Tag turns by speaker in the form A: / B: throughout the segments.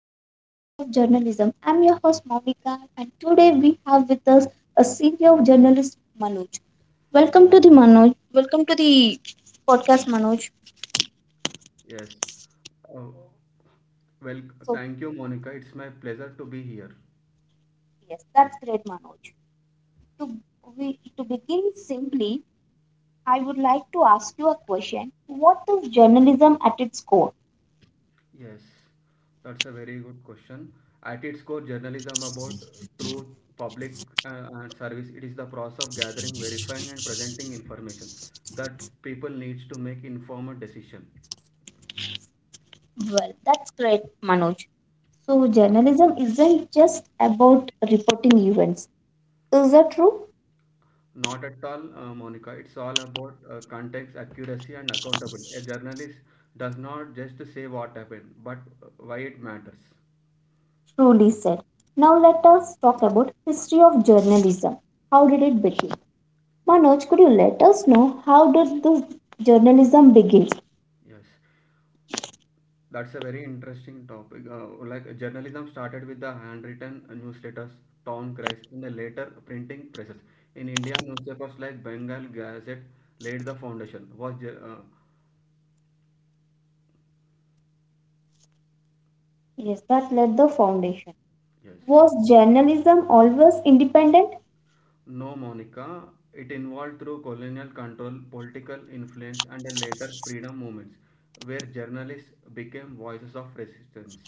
A: to the podcast of journalism. I'm your host Monica and today we have with us a senior journalist Manoj. Welcome to the Manoj. Welcome to the podcast Manoj.
B: Yes. Uh, well,
A: So
B: Thank you, Monica. It's my pleasure to be here.
A: yes, that's great Manoj. To to begin simply, I would like to ask you a question. What is journalism at its core?
B: Yes, that's a very good question. At its core, journalism about truth, public and service. It is the process of gathering, verifying, and presenting information that people needs to make informed decision.
A: Well, that's great Manoj. So journalism isn't just about reporting events. Is that true?
B: Not at all, Monica. It's all about context, accuracy, and accountability. A journalist does not just say what happened, but why it matters.
A: Truly said. Now let us talk about history of journalism. How did it begin? Manoj, could you let us know how did the journalism begin?
B: Yes. That's a very interesting topic. Like journalism started with the handwritten newsletters, town cries, and the later printing presses. In India, newspapers like Bengal Gazette laid the foundation.
A: Yes, that led the foundation.
B: Yes,
A: Was journalism always independent?
B: no, Monica. It involved through colonial control, political influence, and the later freedom movements, where journalists became voices of resistance.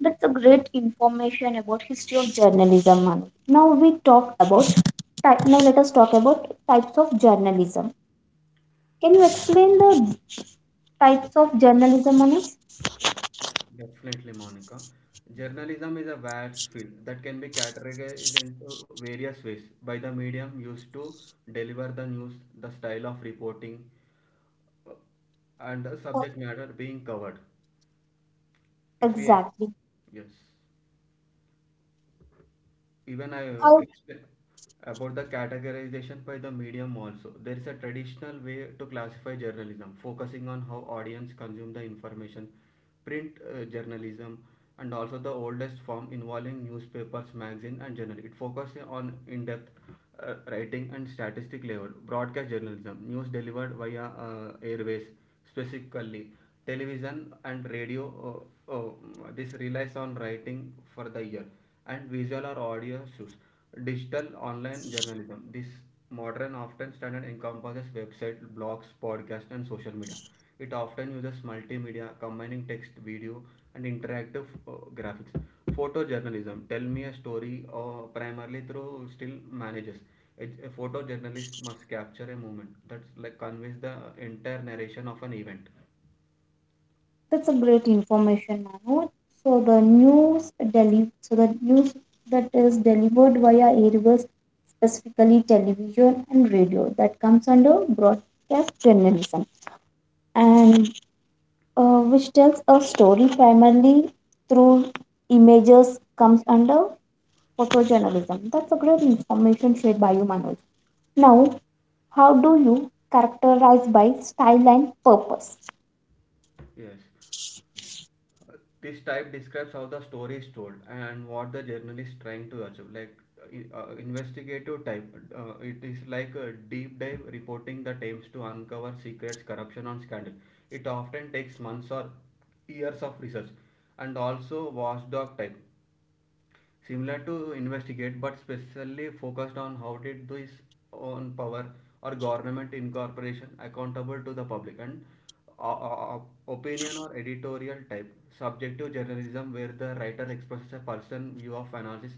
A: That's a great information about history of journalism, Manoj. Now we talk about type. Now let us talk about types of journalism. Can you explain the types of journalism, Manoj?
B: Definitely, Monica. Journalism is a vast field that can be categorized into various ways by the medium used to deliver the news, the style of reporting, and the subject matter being covered. If we,
A: Exactly.
B: Yes. Even I
A: How
B: explain about the categorization by the medium also. There is a traditional way to classify journalism, focusing on how audience consume the information, print journalism, and also the oldest form involving newspapers, magazine, and journal. It focuses on in-depth writing and statistic level. Broadcast journalism, news delivered via airways specifically television and radio, uh, uh, this relies on writing for the ear and visual or audio shows. Digital online journalism, this modern often standard encompasses website blogs podcasts and social media. It often uses multimedia combining text, video, and interactive graphics. Photojournalism, tell me a story primarily through still manages. A photojournalist must capture a moment that's like conveys the entire narration of an event.
A: that's a great information, Manoj. So the news that is delivered via airwaves, specifically television and radio, that comes under broadcast journalism, and which tells a story primarily through images, comes under photojournalism. That's a great information shared by you, Manoj.
B: Yes.
A: Now, how do you characterize by style and purpose?
B: Yes. Uh, this type describes how the story is told and what the journalist is trying to achieve. Like investigative type, it is like a deep dive reporting that aims to uncover secrets, corruption, and scandal. It often takes months or years of research, and also watchdog type similar to investigate but specially focused on how did this own power or government incorporation accountable to the public, and opinion or editorial type, subjective journalism where the writer expresses a personal view of analysis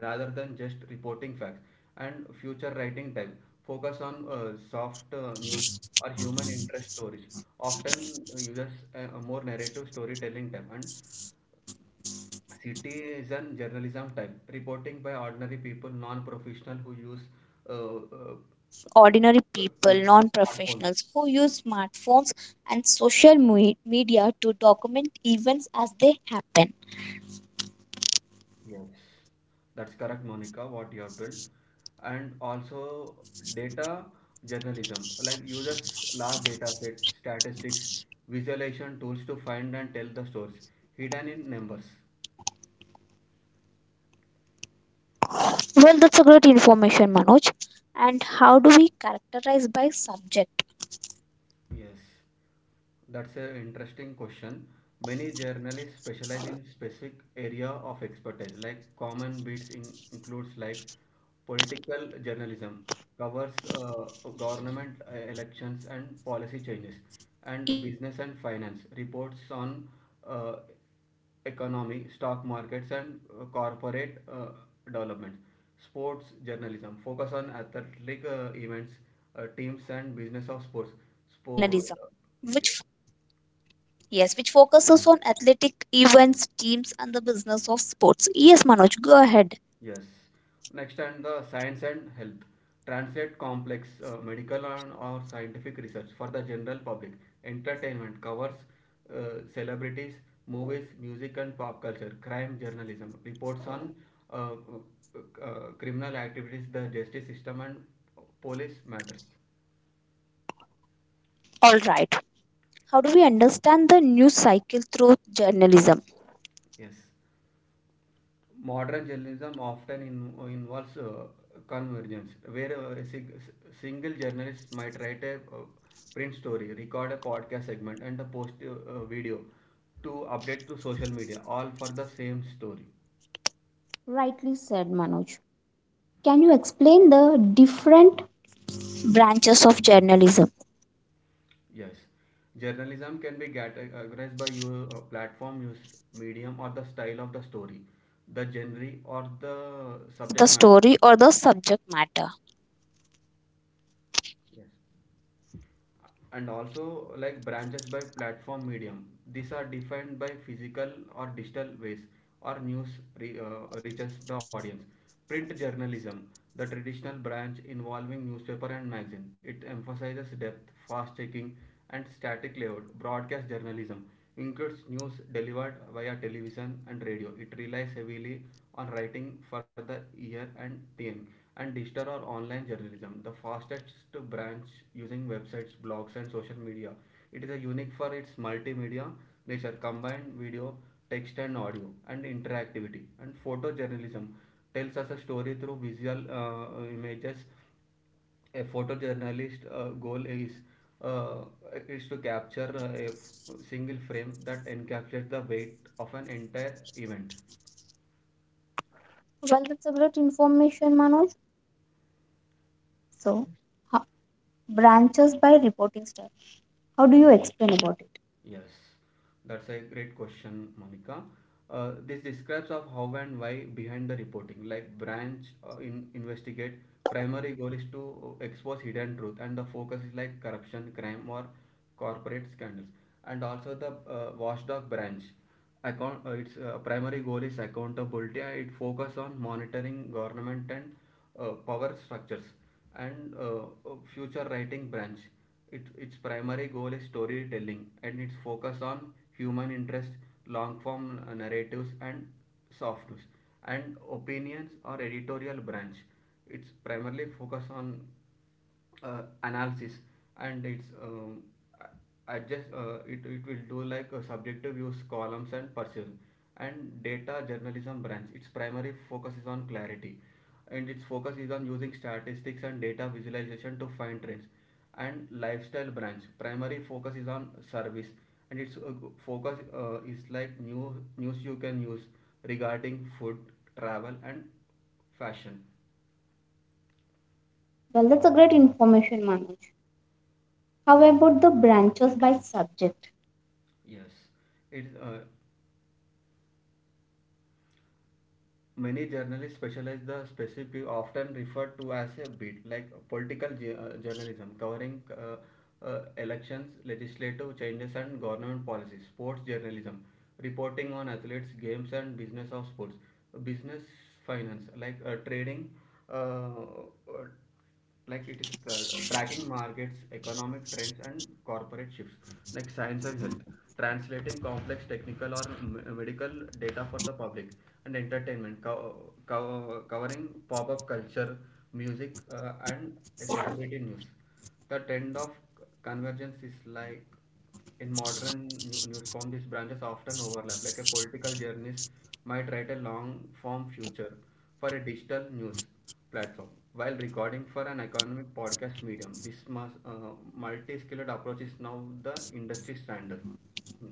B: rather than just reporting facts, and future writing type focus on soft news or human interest stories, often uses a more narrative storytelling type, and citizen journalism type reporting by ordinary people, non-professional who use
A: Yes, it is
B: uh,
A: by
B: uh,
A: reporting ordinary people,
B: mm,
A: non
B: smartphones.
A: professionals who use smartphones and social media to document events as they happen.
B: Yes, that's correct, Monica. What you have told, and also data journalism like uses large data set, statistics, visualization tools to find and tell the stories hidden in numbers.
A: Well, that's a great information, Manoj. And how do we characterize by subject?
B: Yes, that's an interesting question. Many journalists specialize in specific area of expertise. Like common beats in, includes like political journalism covers government elections and policy changes, and
A: Yes,
B: business and
A: that
B: finance
A: covers
B: reports
A: government,
B: on
A: election,
B: uh,
A: and policy changes.
B: economy, stock
A: When we
B: markets,
A: talk
B: and
A: about
B: uh,
A: business and
B: corporate uh,
A: finance, reports on
B: development.
A: the economy,
B: Sports
A: stock
B: journalism
A: markets,
B: focus
A: and
B: on
A: corporate
B: athletic
A: developments.
B: events,
A: Sports,
B: teams,
A: we have
B: and
A: also
B: business
A: a
B: of sports.
A: sports
B: Sport,
A: journalism
B: uh, yes.
A: which yes, which focuses on athletic events, teams, and the business of sports. Yes, Manoj, go ahead.
B: Yes. Next, and the science and health. Translate complex medical and or scientific research for the general public. Entertainment covers celebrities, movies, music, and pop culture. Crime journalism reports on uh, uh, criminal activities, the justice system, and police matters.
A: All right. How do we understand the news cycle through journalism?
B: Yes. Modern journalism often involves convergence, where a single journalist might write a print story, record a podcast segment, and a post video to update to social media, all for the same story.
A: Rightly said, Manoj. Can you explain the different branches of journalism?
B: Yes, journalism can be categorized by your platform use, medium, or the style of the story, the genre, or
A: Also, the
B: the
A: style of the
B: subject
A: story
B: matter.
A: or the subject matter?
B: Yes. And also like branches by platform medium, these are defined by physical or digital ways or news reaches the audience. Print journalism, the traditional branch involving newspaper and magazine, it emphasizes depth, fast checking, and static layout. Broadcast journalism includes news delivered via television and radio. It relies heavily on writing for the ear and thing, and digital or online journalism, the fastest branch using websites, blogs, and social media. It is a unique for its multimedia nature, combined video, text, and audio, and interactivity. And photojournalism tells us a story through visual images. A photojournalist goal uh, is to capture a single frame that encapsulates the weight of an entire event.
A: Well, that's a great information, Manoj. So, ho- branches by reporting style. How do you explain about it?
B: Yes, that's a great question, Monica. This describes of how and why behind the reporting. Like branch in investigate, primary goal is to expose hidden truth, and the focus is like corruption, crime, or corporate scandals. And also the watchdog branch. Its primary goal is accountability. It focuses on monitoring government and power structures and future writing branch. Its primary goal is storytelling and its focus on human interest, long form narratives and soft news, and opinions or editorial branch. It's primarily focus on analysis and it's I just it, it will do like subjective views columns and pursuit, and data journalism branch, its primary focus is on clarity and its focus is on using statistics and data visualization to find trends, and lifestyle branch primary focus is on service and its focus is like new news you can use regarding food, travel, and fashion.
A: Well, that's a great information, Manoj. How about the branches by subject?
B: Yes it's Many journalists specialize the specific, often referred to as a beat, like political journalism, covering elections, legislative changes, and government policies. Sports journalism, reporting on athletes, games, and business of sports.
A: How about
B: Business
A: sports
B: finance, like uh,
A: journalism?
B: trading, uh, uh, like it is tracking markets, economic trends, and corporate shifts, like science and health, translating complex technical or medical data for the public, and entertainment, covering pop up culture, music, and celebrity news. The trend of convergence is like in modern news form, these branches often overlap. Like a political journalist might write a long form feature for a digital news platform while recording for an economic podcast medium. This multi-skilled approach is now the industry standard. Hmm.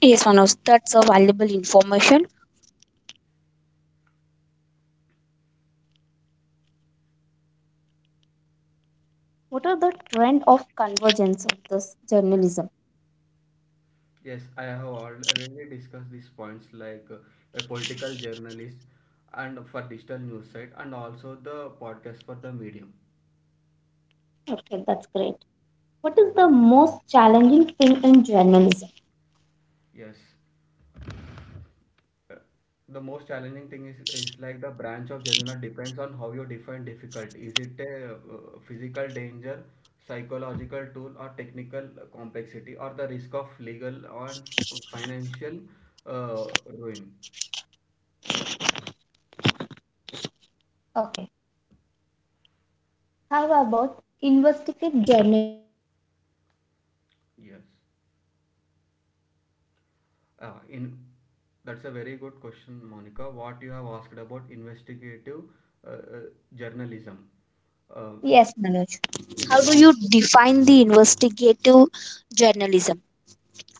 A: Yes, Manoj, that's a valuable information. What are the trend of convergence of this journalism?
B: Yes, I have already discussed these points like a political journalist and for digital news site and also the podcast for the medium.
A: Okay, that's great. What is the most challenging thing in journalism?
B: Yes. The most challenging thing is like the branch of januna depends on how you define difficult. Is it a physical danger, psychological tool, or technical complexity, or the risk of legal or financial uh, ruin?
A: Okay. How about investigative journalism?
B: Yes.
A: How do you define it?
B: In That's a very good question, Monica. What you have asked about investigative uh, uh, journalism. Uh,
A: Yes, Manoj.
B: it
A: How
B: is
A: do
B: often
A: you define the investigative journalism?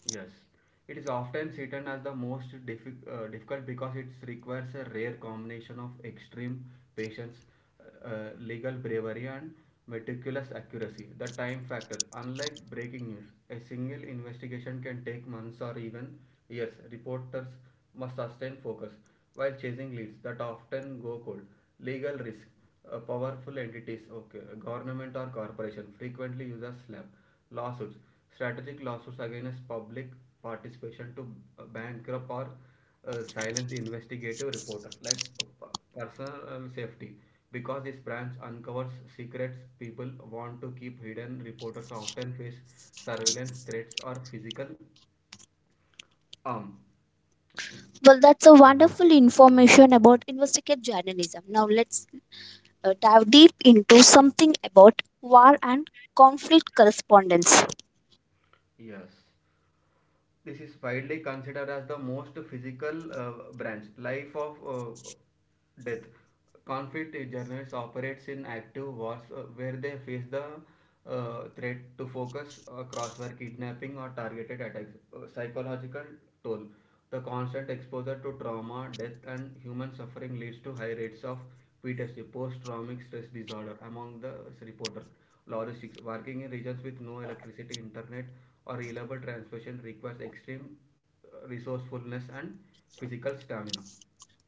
B: Yes, it is often seen as the most difficult because it requires a rare combination of extreme patience, legal bravery, and meticulous accuracy. The time factor, unlike breaking news, a single investigation can take months or even years. Reporters must sustain focus while chasing leads that often go cold. Legal risk, powerful entities, okay, government or corporation frequently uses SLAM lawsuits. Strategic lawsuits against public participation to bankrupt or silence investigative reporter, like personal safety. Because this branch uncovers secrets people want to keep hidden, reporters often face surveillance threats or physical harm. Thing.
A: Well, that's a wonderful information about investigative journalism. Now, let's dive deep into something about war and conflict correspondence.
B: Yes. This is widely considered as the most physical branch, life of death. Conflict journalists operates in active wars where they face the threat to focus, crossfire kidnapping, or targeted attacks. Psychological toll. The constant exposure to trauma, death, and human suffering leads to high rates of PTSD (post traumatic stress disorder) among the reporters. Logistics working in regions with no electricity, internet, or reliable transportation requires extreme resourcefulness and physical stamina.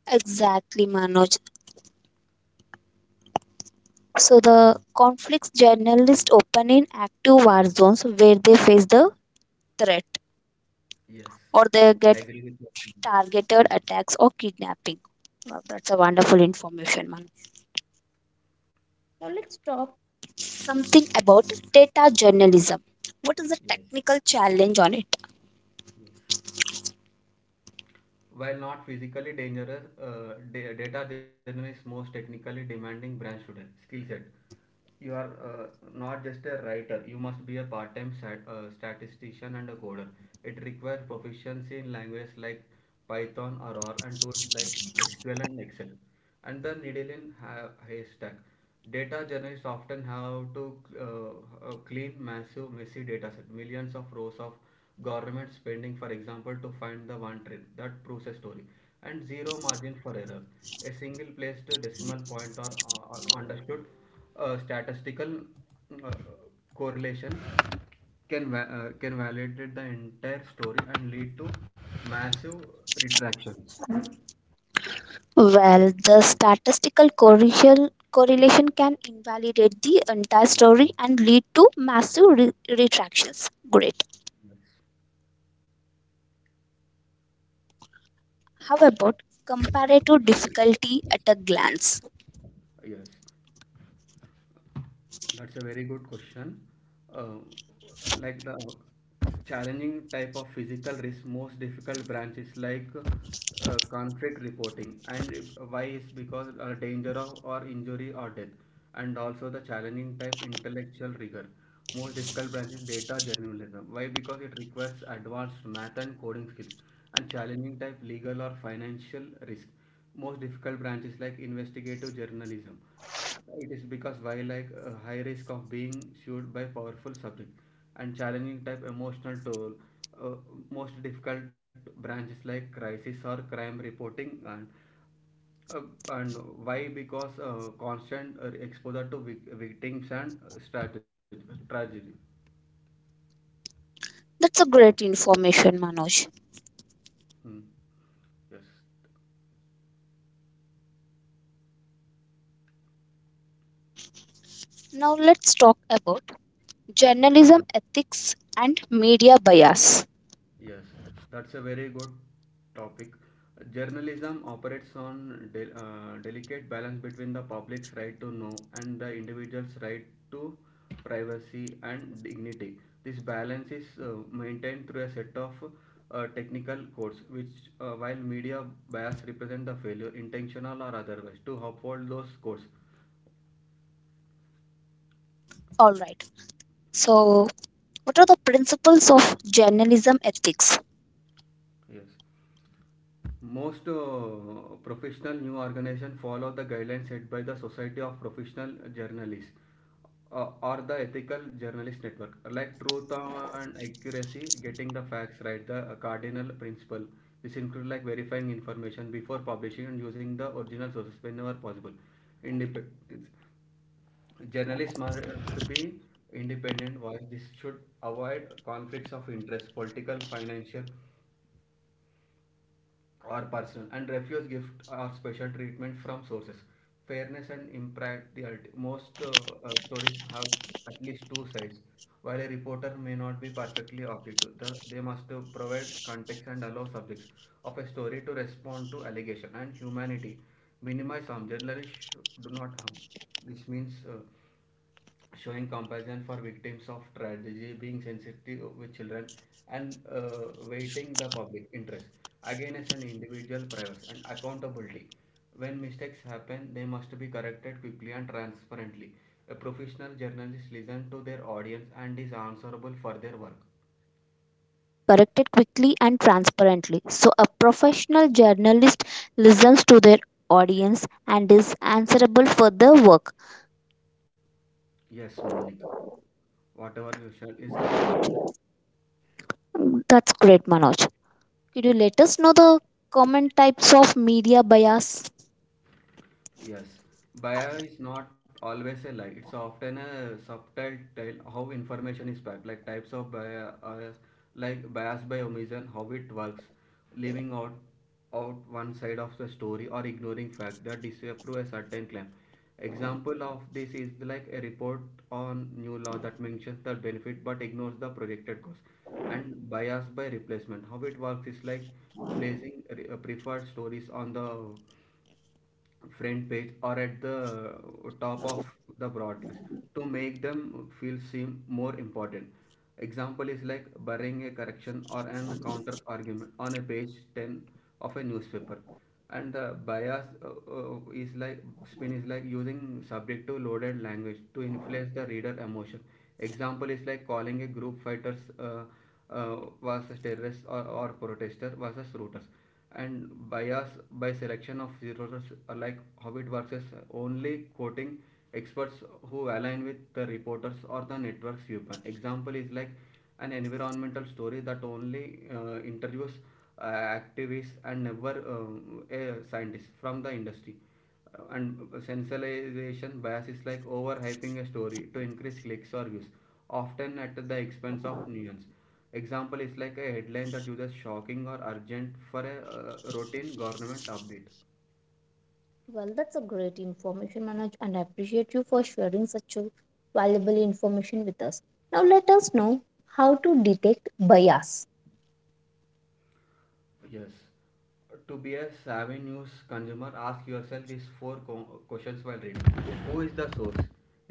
A: Exactly, Manoj. So the conflicts journalists open in active war zones where they face the threat
B: Yes,
A: or they
B: I
A: get
B: agree with you.
A: targeted attacks or kidnapping. Wow, that's a wonderful information, Manoj. Now let's talk something about data journalism. What is the
B: Yes,
A: technical challenge on it?
B: yes. While not physically dangerous, data journalism is most technically demanding branch today. Skill set. You are not just a writer. You must be a part-time statistician and a coder. It requires proficiency in languages like Python or R and tools like SQL and Excel. And the needle in haystack. Data journalists often have to uh, clean massive, messy data set, millions of rows of government spending, for example, to find the one trend that proves a story, and zero margin for error. A single placed decimal point or understood statistical uh, correlation can validate the entire story and lead to massive retractions.
A: Well, the statistical correlation can invalidate the entire story and lead to massive retractions. Great. How about comparative difficulty at a glance?
B: Yes. That's a very good question. Uh, like the challenging type of physical risk, most difficult branch is like conflict reporting. And if- why is because danger of or injury or death, and also the challenging type intellectual rigor. Most difficult branch is data journalism. Why? Because it requires advanced math and coding skills. And challenging type legal or financial risk. Most difficult branches like investigative journalism, it is because wildlife a high risk of being sued by powerful subject, and challenging type emotional toll. Uh, Most difficult branches like crisis or crime reporting uh, and why? Because constant exposure to victims and tragedy.
A: That's a great information, Manoj.
B: Hmm. Yes.
A: Now let's talk about journalism ethics and media bias.
B: Yes, that's a very good topic. Journalism operates on delicate balance between the public's right to know and the individual's right to privacy and dignity. This balance is maintained through a set of technical codes, which, while media bias represent the failure, intentional or otherwise, to uphold those codes.
A: All right. So, what are the principles of journalism ethics?
B: Yes. Most professional news organizations follow the guidelines set by the Society of Professional Journalists or the Ethical Journalist Network, like truth and accuracy, getting the facts right, the cardinal principle. This includes like verifying information before publishing and using the original sources whenever possible. Independence. Journalists must be independent voice. This should avoid conflicts of interest, political, financial, or personal, and refuse gift or special treatment from sources. Fairness and impartiality. Most stories have at least two sides. While a reporter may not be perfectly objective, they must provide context and allow subjects of a story to respond to allegation. And humanity, minimize harm. Generally, do not harm. This means showing compassion for victims of tragedy, being sensitive with children, and weighting the public interest again as an individual privacy. And accountability. When mistakes happen, they must be corrected quickly and transparently. A professional journalist listens to their audience and is
A: Yes, Manoj.
B: answerable for
A: When
B: their work.
A: mistakes happen, they must be corrected quickly and transparently. So, a professional journalist listens to their audience and is answerable for their work.
B: Yes, Monica. Whatever you said is completely
A: That's great, Manoj. Could you let us know the common types of media bias?
B: Yes, bio is not always a lie. It's often a subtle tale how information is packed, like types of bias, like bias by omission. How it works, leaving out one side of the story or ignoring fact that disapprove a certain claim. Example of this is like a report on new law that mentions the benefit but ignores the projected cost. And bias by replacement, how it works is like placing preferred stories on the front page or at the top of the broadcast to make them feel seem more important. Example is like burying a correction or an counter argument on a page 10 of a newspaper. And the bias is like spin is like using subjective loaded language to influence the reader emotion. Example is like calling a group fighters uh, versus terrorists or protesters versus rooters. And bias by selection of resources, like how it works is only quoting experts who align with the reporters or the network's viewpoint. Example is like an environmental story that only interviews uh, activists and never a scientist from the industry. And sensationalization bias is like overhyping a story to increase clicks or views, often at the expense of nuance. Example is like a headline that uses shocking or urgent for a routine government update.
A: Well, that's a great information, Manoj, and I appreciate you for sharing such a valuable information with us. Now, let us know how to detect bias.
B: Yes. To be a savvy news consumer, ask yourself these four questions while reading. Who is the source?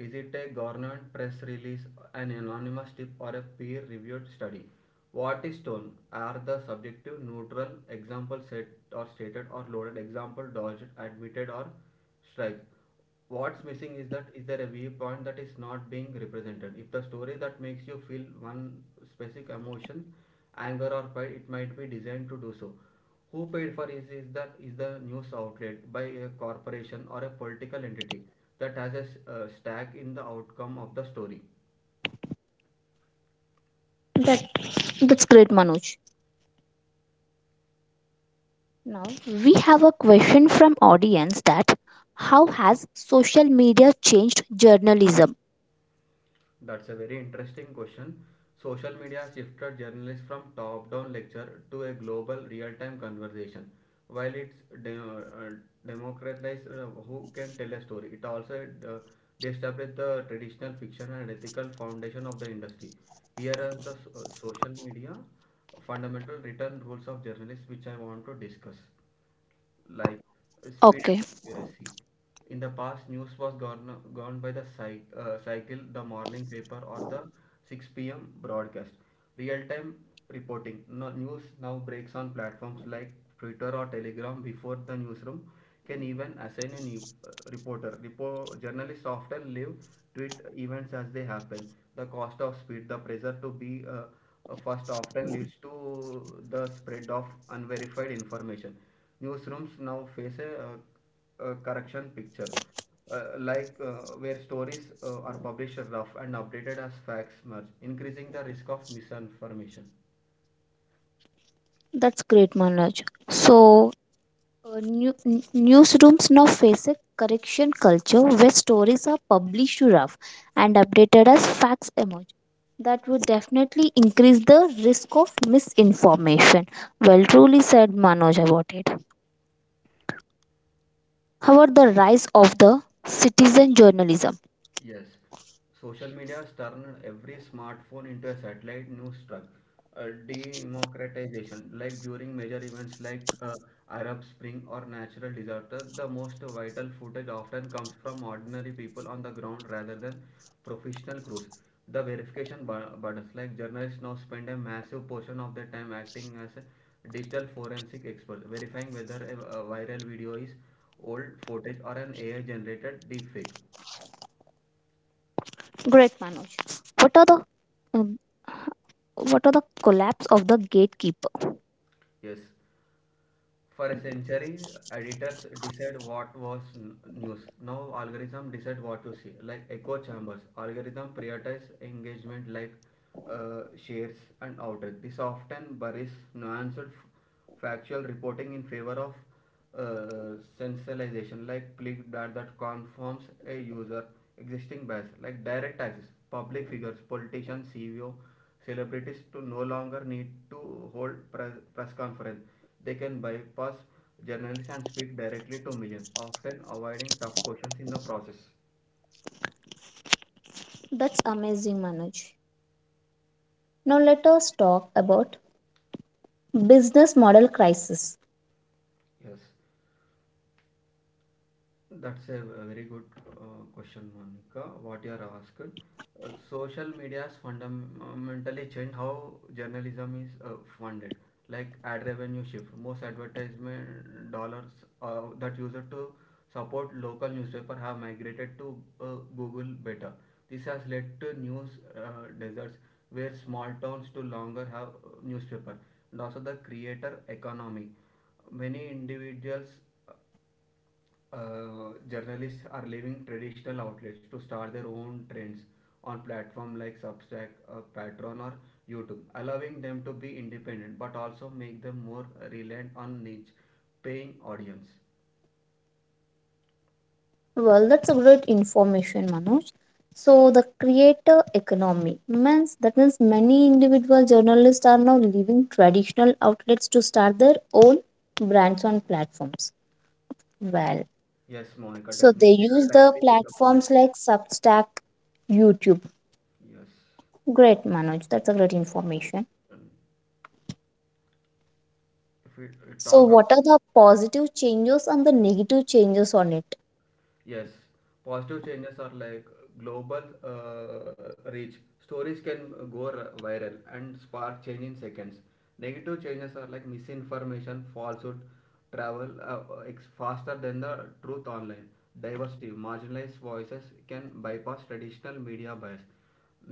B: Is it a government press release, an anonymous tip, or a peer reviewed study? What is tone? Are the subjective, neutral, example set or stated, or loaded, example dodged, admitted, or strike? What's missing, is that is there a viewpoint that is not being represented? If the story that makes you feel one specific emotion, anger or pride, it might be designed to do so. Who paid for it? Is that is the news outlet by a corporation or a political entity that has a stake in the outcome of the story.
A: That, that's great, Manoj. Now we have a question from audience that how has social media changed journalism?
B: That's a very interesting question. Social media has shifted journalists from top down lecture to a global real time conversation. While it's de- uh, democratized who can tell a story, it also destables the traditional fiction and ethical foundation of the industry. Here are the social media fundamental written rules of journalists which I want to discuss, like speed
A: Okay,
B: and accuracy. In the past, news was governed by the cycle, the morning paper, or the 6 p.m. broadcast. Real time reporting. No, news now breaks on platforms like Twitter or Telegram before the newsroom can even assign a new reporter. Journalists often live tweet events as they happen. The cost of speed, the pressure to be first often leads to the spread of unverified information. Newsrooms now face a correction picture, like where stories are published rough and updated as facts merge, increasing the risk of misinformation.
A: that's great, Manoj. So newsrooms now face a correction culture where stories are published rough and updated as facts emerge. That would definitely increase the risk of misinformation. Well, truly said Manoj about it. How about the rise of the citizen journalism?
B: Yes, social media has turned every smartphone into a satellite news truck. Democratization, like during major events like Arab Spring or natural disaster, the most vital footage often comes from ordinary people on the ground rather than professional crews. The verification buttons, like journalists now spend a massive portion of their time acting as a digital forensic expert, verifying whether a viral video is old footage or an AI generated deepfake.
A: Great, Manoj. What are the um, what are the collapse of the gatekeeper?
B: Yes. For a century, editors decide what was news. Now algorithm decide what to see, like echo chambers. Algorithm prioritize engagement like shares and outrage. This often buries nuanced factual reporting in favor of uh, sensationalization like clickbait that confirms a user existing bias. Like direct access, public figures, politicians, ceo, celebrities to no longer need to hold press conference. They can bypass journalists and speak directly to millions, often avoiding tough questions in the process.
A: That's amazing, Manoj. Now let us talk about business model crisis.
B: Yes. That's a very good question, Monica. What you are asked. Social media has fundamentally changed how journalism is funded. Like ad revenue shift, most advertisement dollars that used to support local newspaper have migrated to Google Beta. This has led to news deserts where small towns no longer have newspaper, and also the creator economy. Many individuals journalists are leaving traditional outlets to start their own trends on platforms like Substack, Patreon, or YouTube, allowing them to be independent but also make them more reliant on niche paying audience.
A: Well, that's a great information, Manoj. So the creator economy means that means many individual journalists are now leaving traditional outlets to start their own brands on platforms. Well,
B: Yes, Monica,
A: so they
B: definitely.
A: use
B: I
A: the
B: agree with the point.
A: platforms like Substack, YouTube.
B: Yes.
A: Great, Manoj. That's a great information.
B: Um, If we
A: So,
B: talk about
A: what are the positive changes and the negative changes on it?
B: Yes, positive changes are like global reach. Stories can go viral and spark change in seconds. Negative changes are like misinformation, falsehood, travel faster than the truth online. Diversity, marginalized voices can bypass traditional media bias.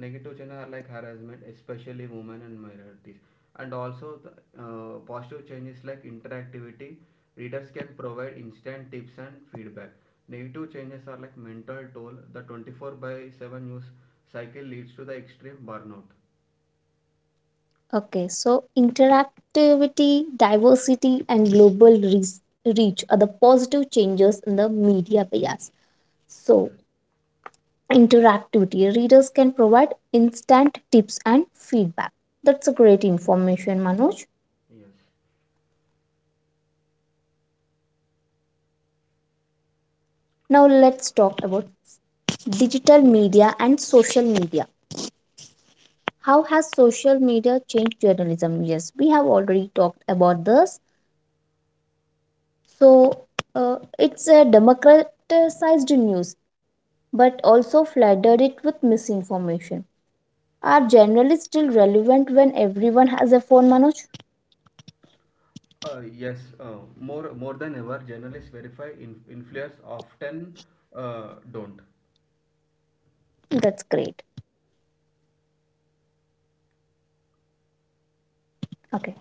B: Negative changes are like harassment, especially women and minorities. And also the positive changes like interactivity, readers can provide instant tips and feedback. Negative changes are like mental toll, the 24 by 7 news cycle leads to the extreme burnout.
A: Okay, so interactivity, diversity, and global reach are the positive changes in the media bias. So,
B: Yes.
A: interactivity readers can provide instant tips and feedback. That's a great information, Manoj.
B: Yes.
A: Now, let's talk about digital media and social media. How has social media changed journalism? Yes, we have already talked about this. So it's a democratized news, but also flooded it with misinformation. Are journalists still relevant when everyone has a phone, Manoj?
B: Yes. More than ever, journalists verify influence often don't.
A: That's great. Okay,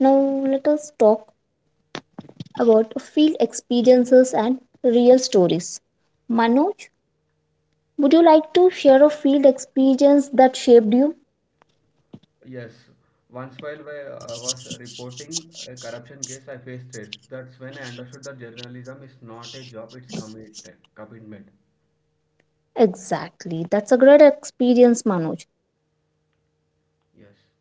A: now let us talk about field experiences and real stories. Manoj, would you like to share a field experience that shaped you?
B: Yes, once while I was reporting a corruption case, I faced threats. That's when I understood that journalism is not a job, it's commitment.
A: Exactly, that's a great experience, Manoj. Did you ever feel like
B: Yes,
A: quitting?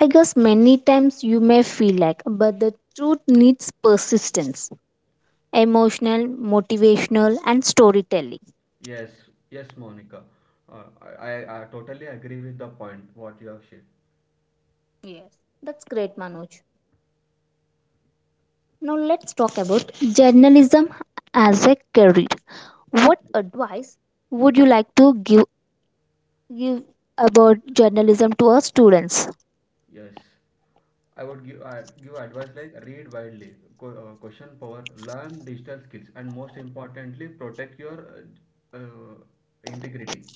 A: I guess many times you may feel like, but the truth needs persistence, emotional, motivational, and storytelling.
B: yes, yes, Monica. Uh, I totally agree with the point what you have shared.
A: Yes. That's great, Manoj. Now let's talk about journalism as a career. What advice would you like to give about journalism to our students?
B: Yes, I would give advice like read widely, co question power, learn digital skills, and most importantly, protect your uh, uh, integrity.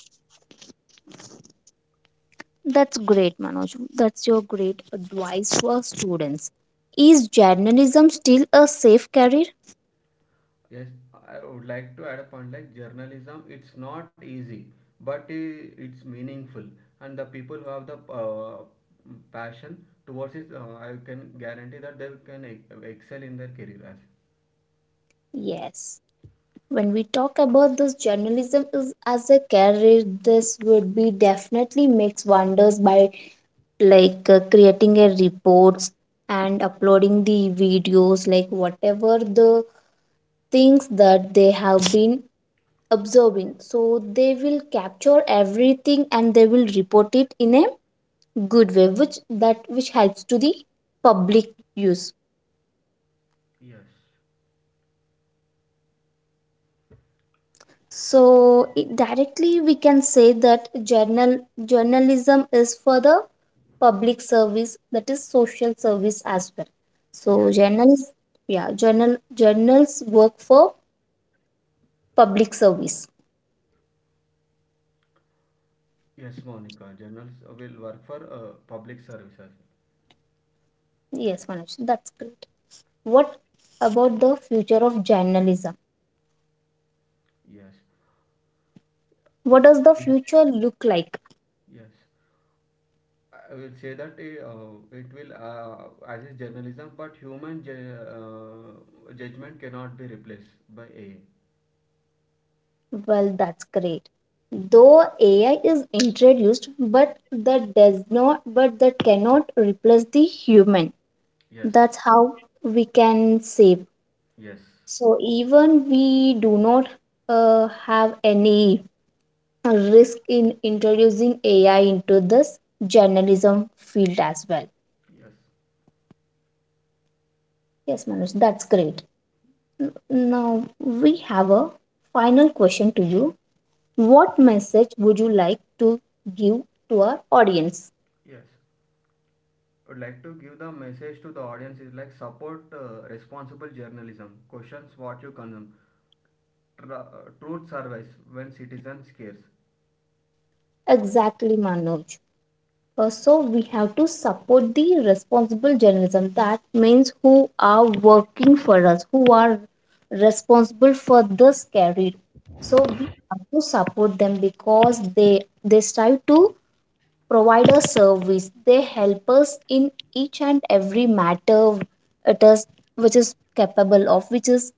A: That's great, Manoj. That's your great advice to our students. Is journalism still a safe career?
B: Yes, I would like to add a point like journalism, it's not easy, but it's meaningful. And the people who have the uh, passion towards it, I can guarantee that they can excel in their career. As
A: Yes. When we talk about this journalism is as a career, this would be definitely makes wonders by like creating a reports and uploading the videos, like whatever the things that they have been observing. So they will capture everything and they will report it in a good way, which that which helps to the public use.
B: Yes.
A: So it, directly we can say that journalism is for the public service that is social service as well. So
B: yes,
A: journalists, yeah, journals work for public service.
B: yes, Monica, journalists will work for public services.
A: Yes Manoj, that's great. What about the future of journalism?
B: Yes.
A: What does the future look like?
B: Yes, I will say that it will as is journalism, but human judgment cannot be replaced by AI.
A: Well, that's great. Though AI is introduced, but that does not, but that cannot replace the human.
B: Yes.
A: That's how we can save.
B: Yes,
A: So even we do not have any risk in introducing AI into this journalism field as well.
B: yes,
A: Yes, Manoj, that's great. Now we have a final question to you. What message would you like to give to our audience?
B: yes. would like to give the message to the audience is like support responsible journalism. Questions what you consume. Tr- uh, Truth survives when citizens cares.
A: Exactly, Manoj. So we have to support the responsible journalism. That means who are working for us, who are responsible for this career. So we have to support them because they strive to provide a service. They help us in each and every matter it is which is capable of, which is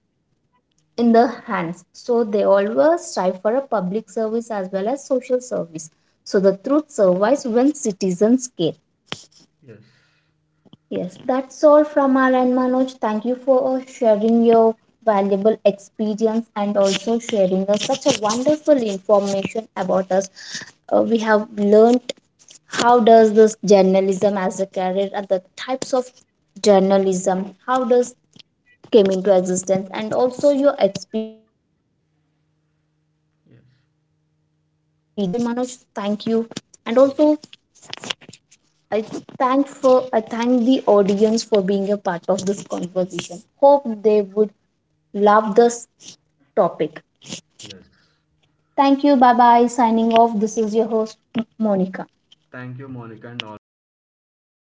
A: in the hands. So they always strive for a public service as well as social service. So the truth survives when citizens care.
B: Yes,
A: Yes, that's all from our end, Manoj. Thank you for sharing your valuable experience and also sharing us such a wonderful information about us. We have learned how does this journalism as a career and the types of journalism, how does came into existence and also your experience. Thank you for being a
B: yes.
A: part of this conversation, Manoj. Thank you. And
B: Okay.
A: also I I thank the audience for being a part of this conversation. Hope they would love this topic.
B: Yes.
A: Thank you. Bye bye. Signing off. This is your host Monica.
B: Thank you, Monica, and also the listener for joining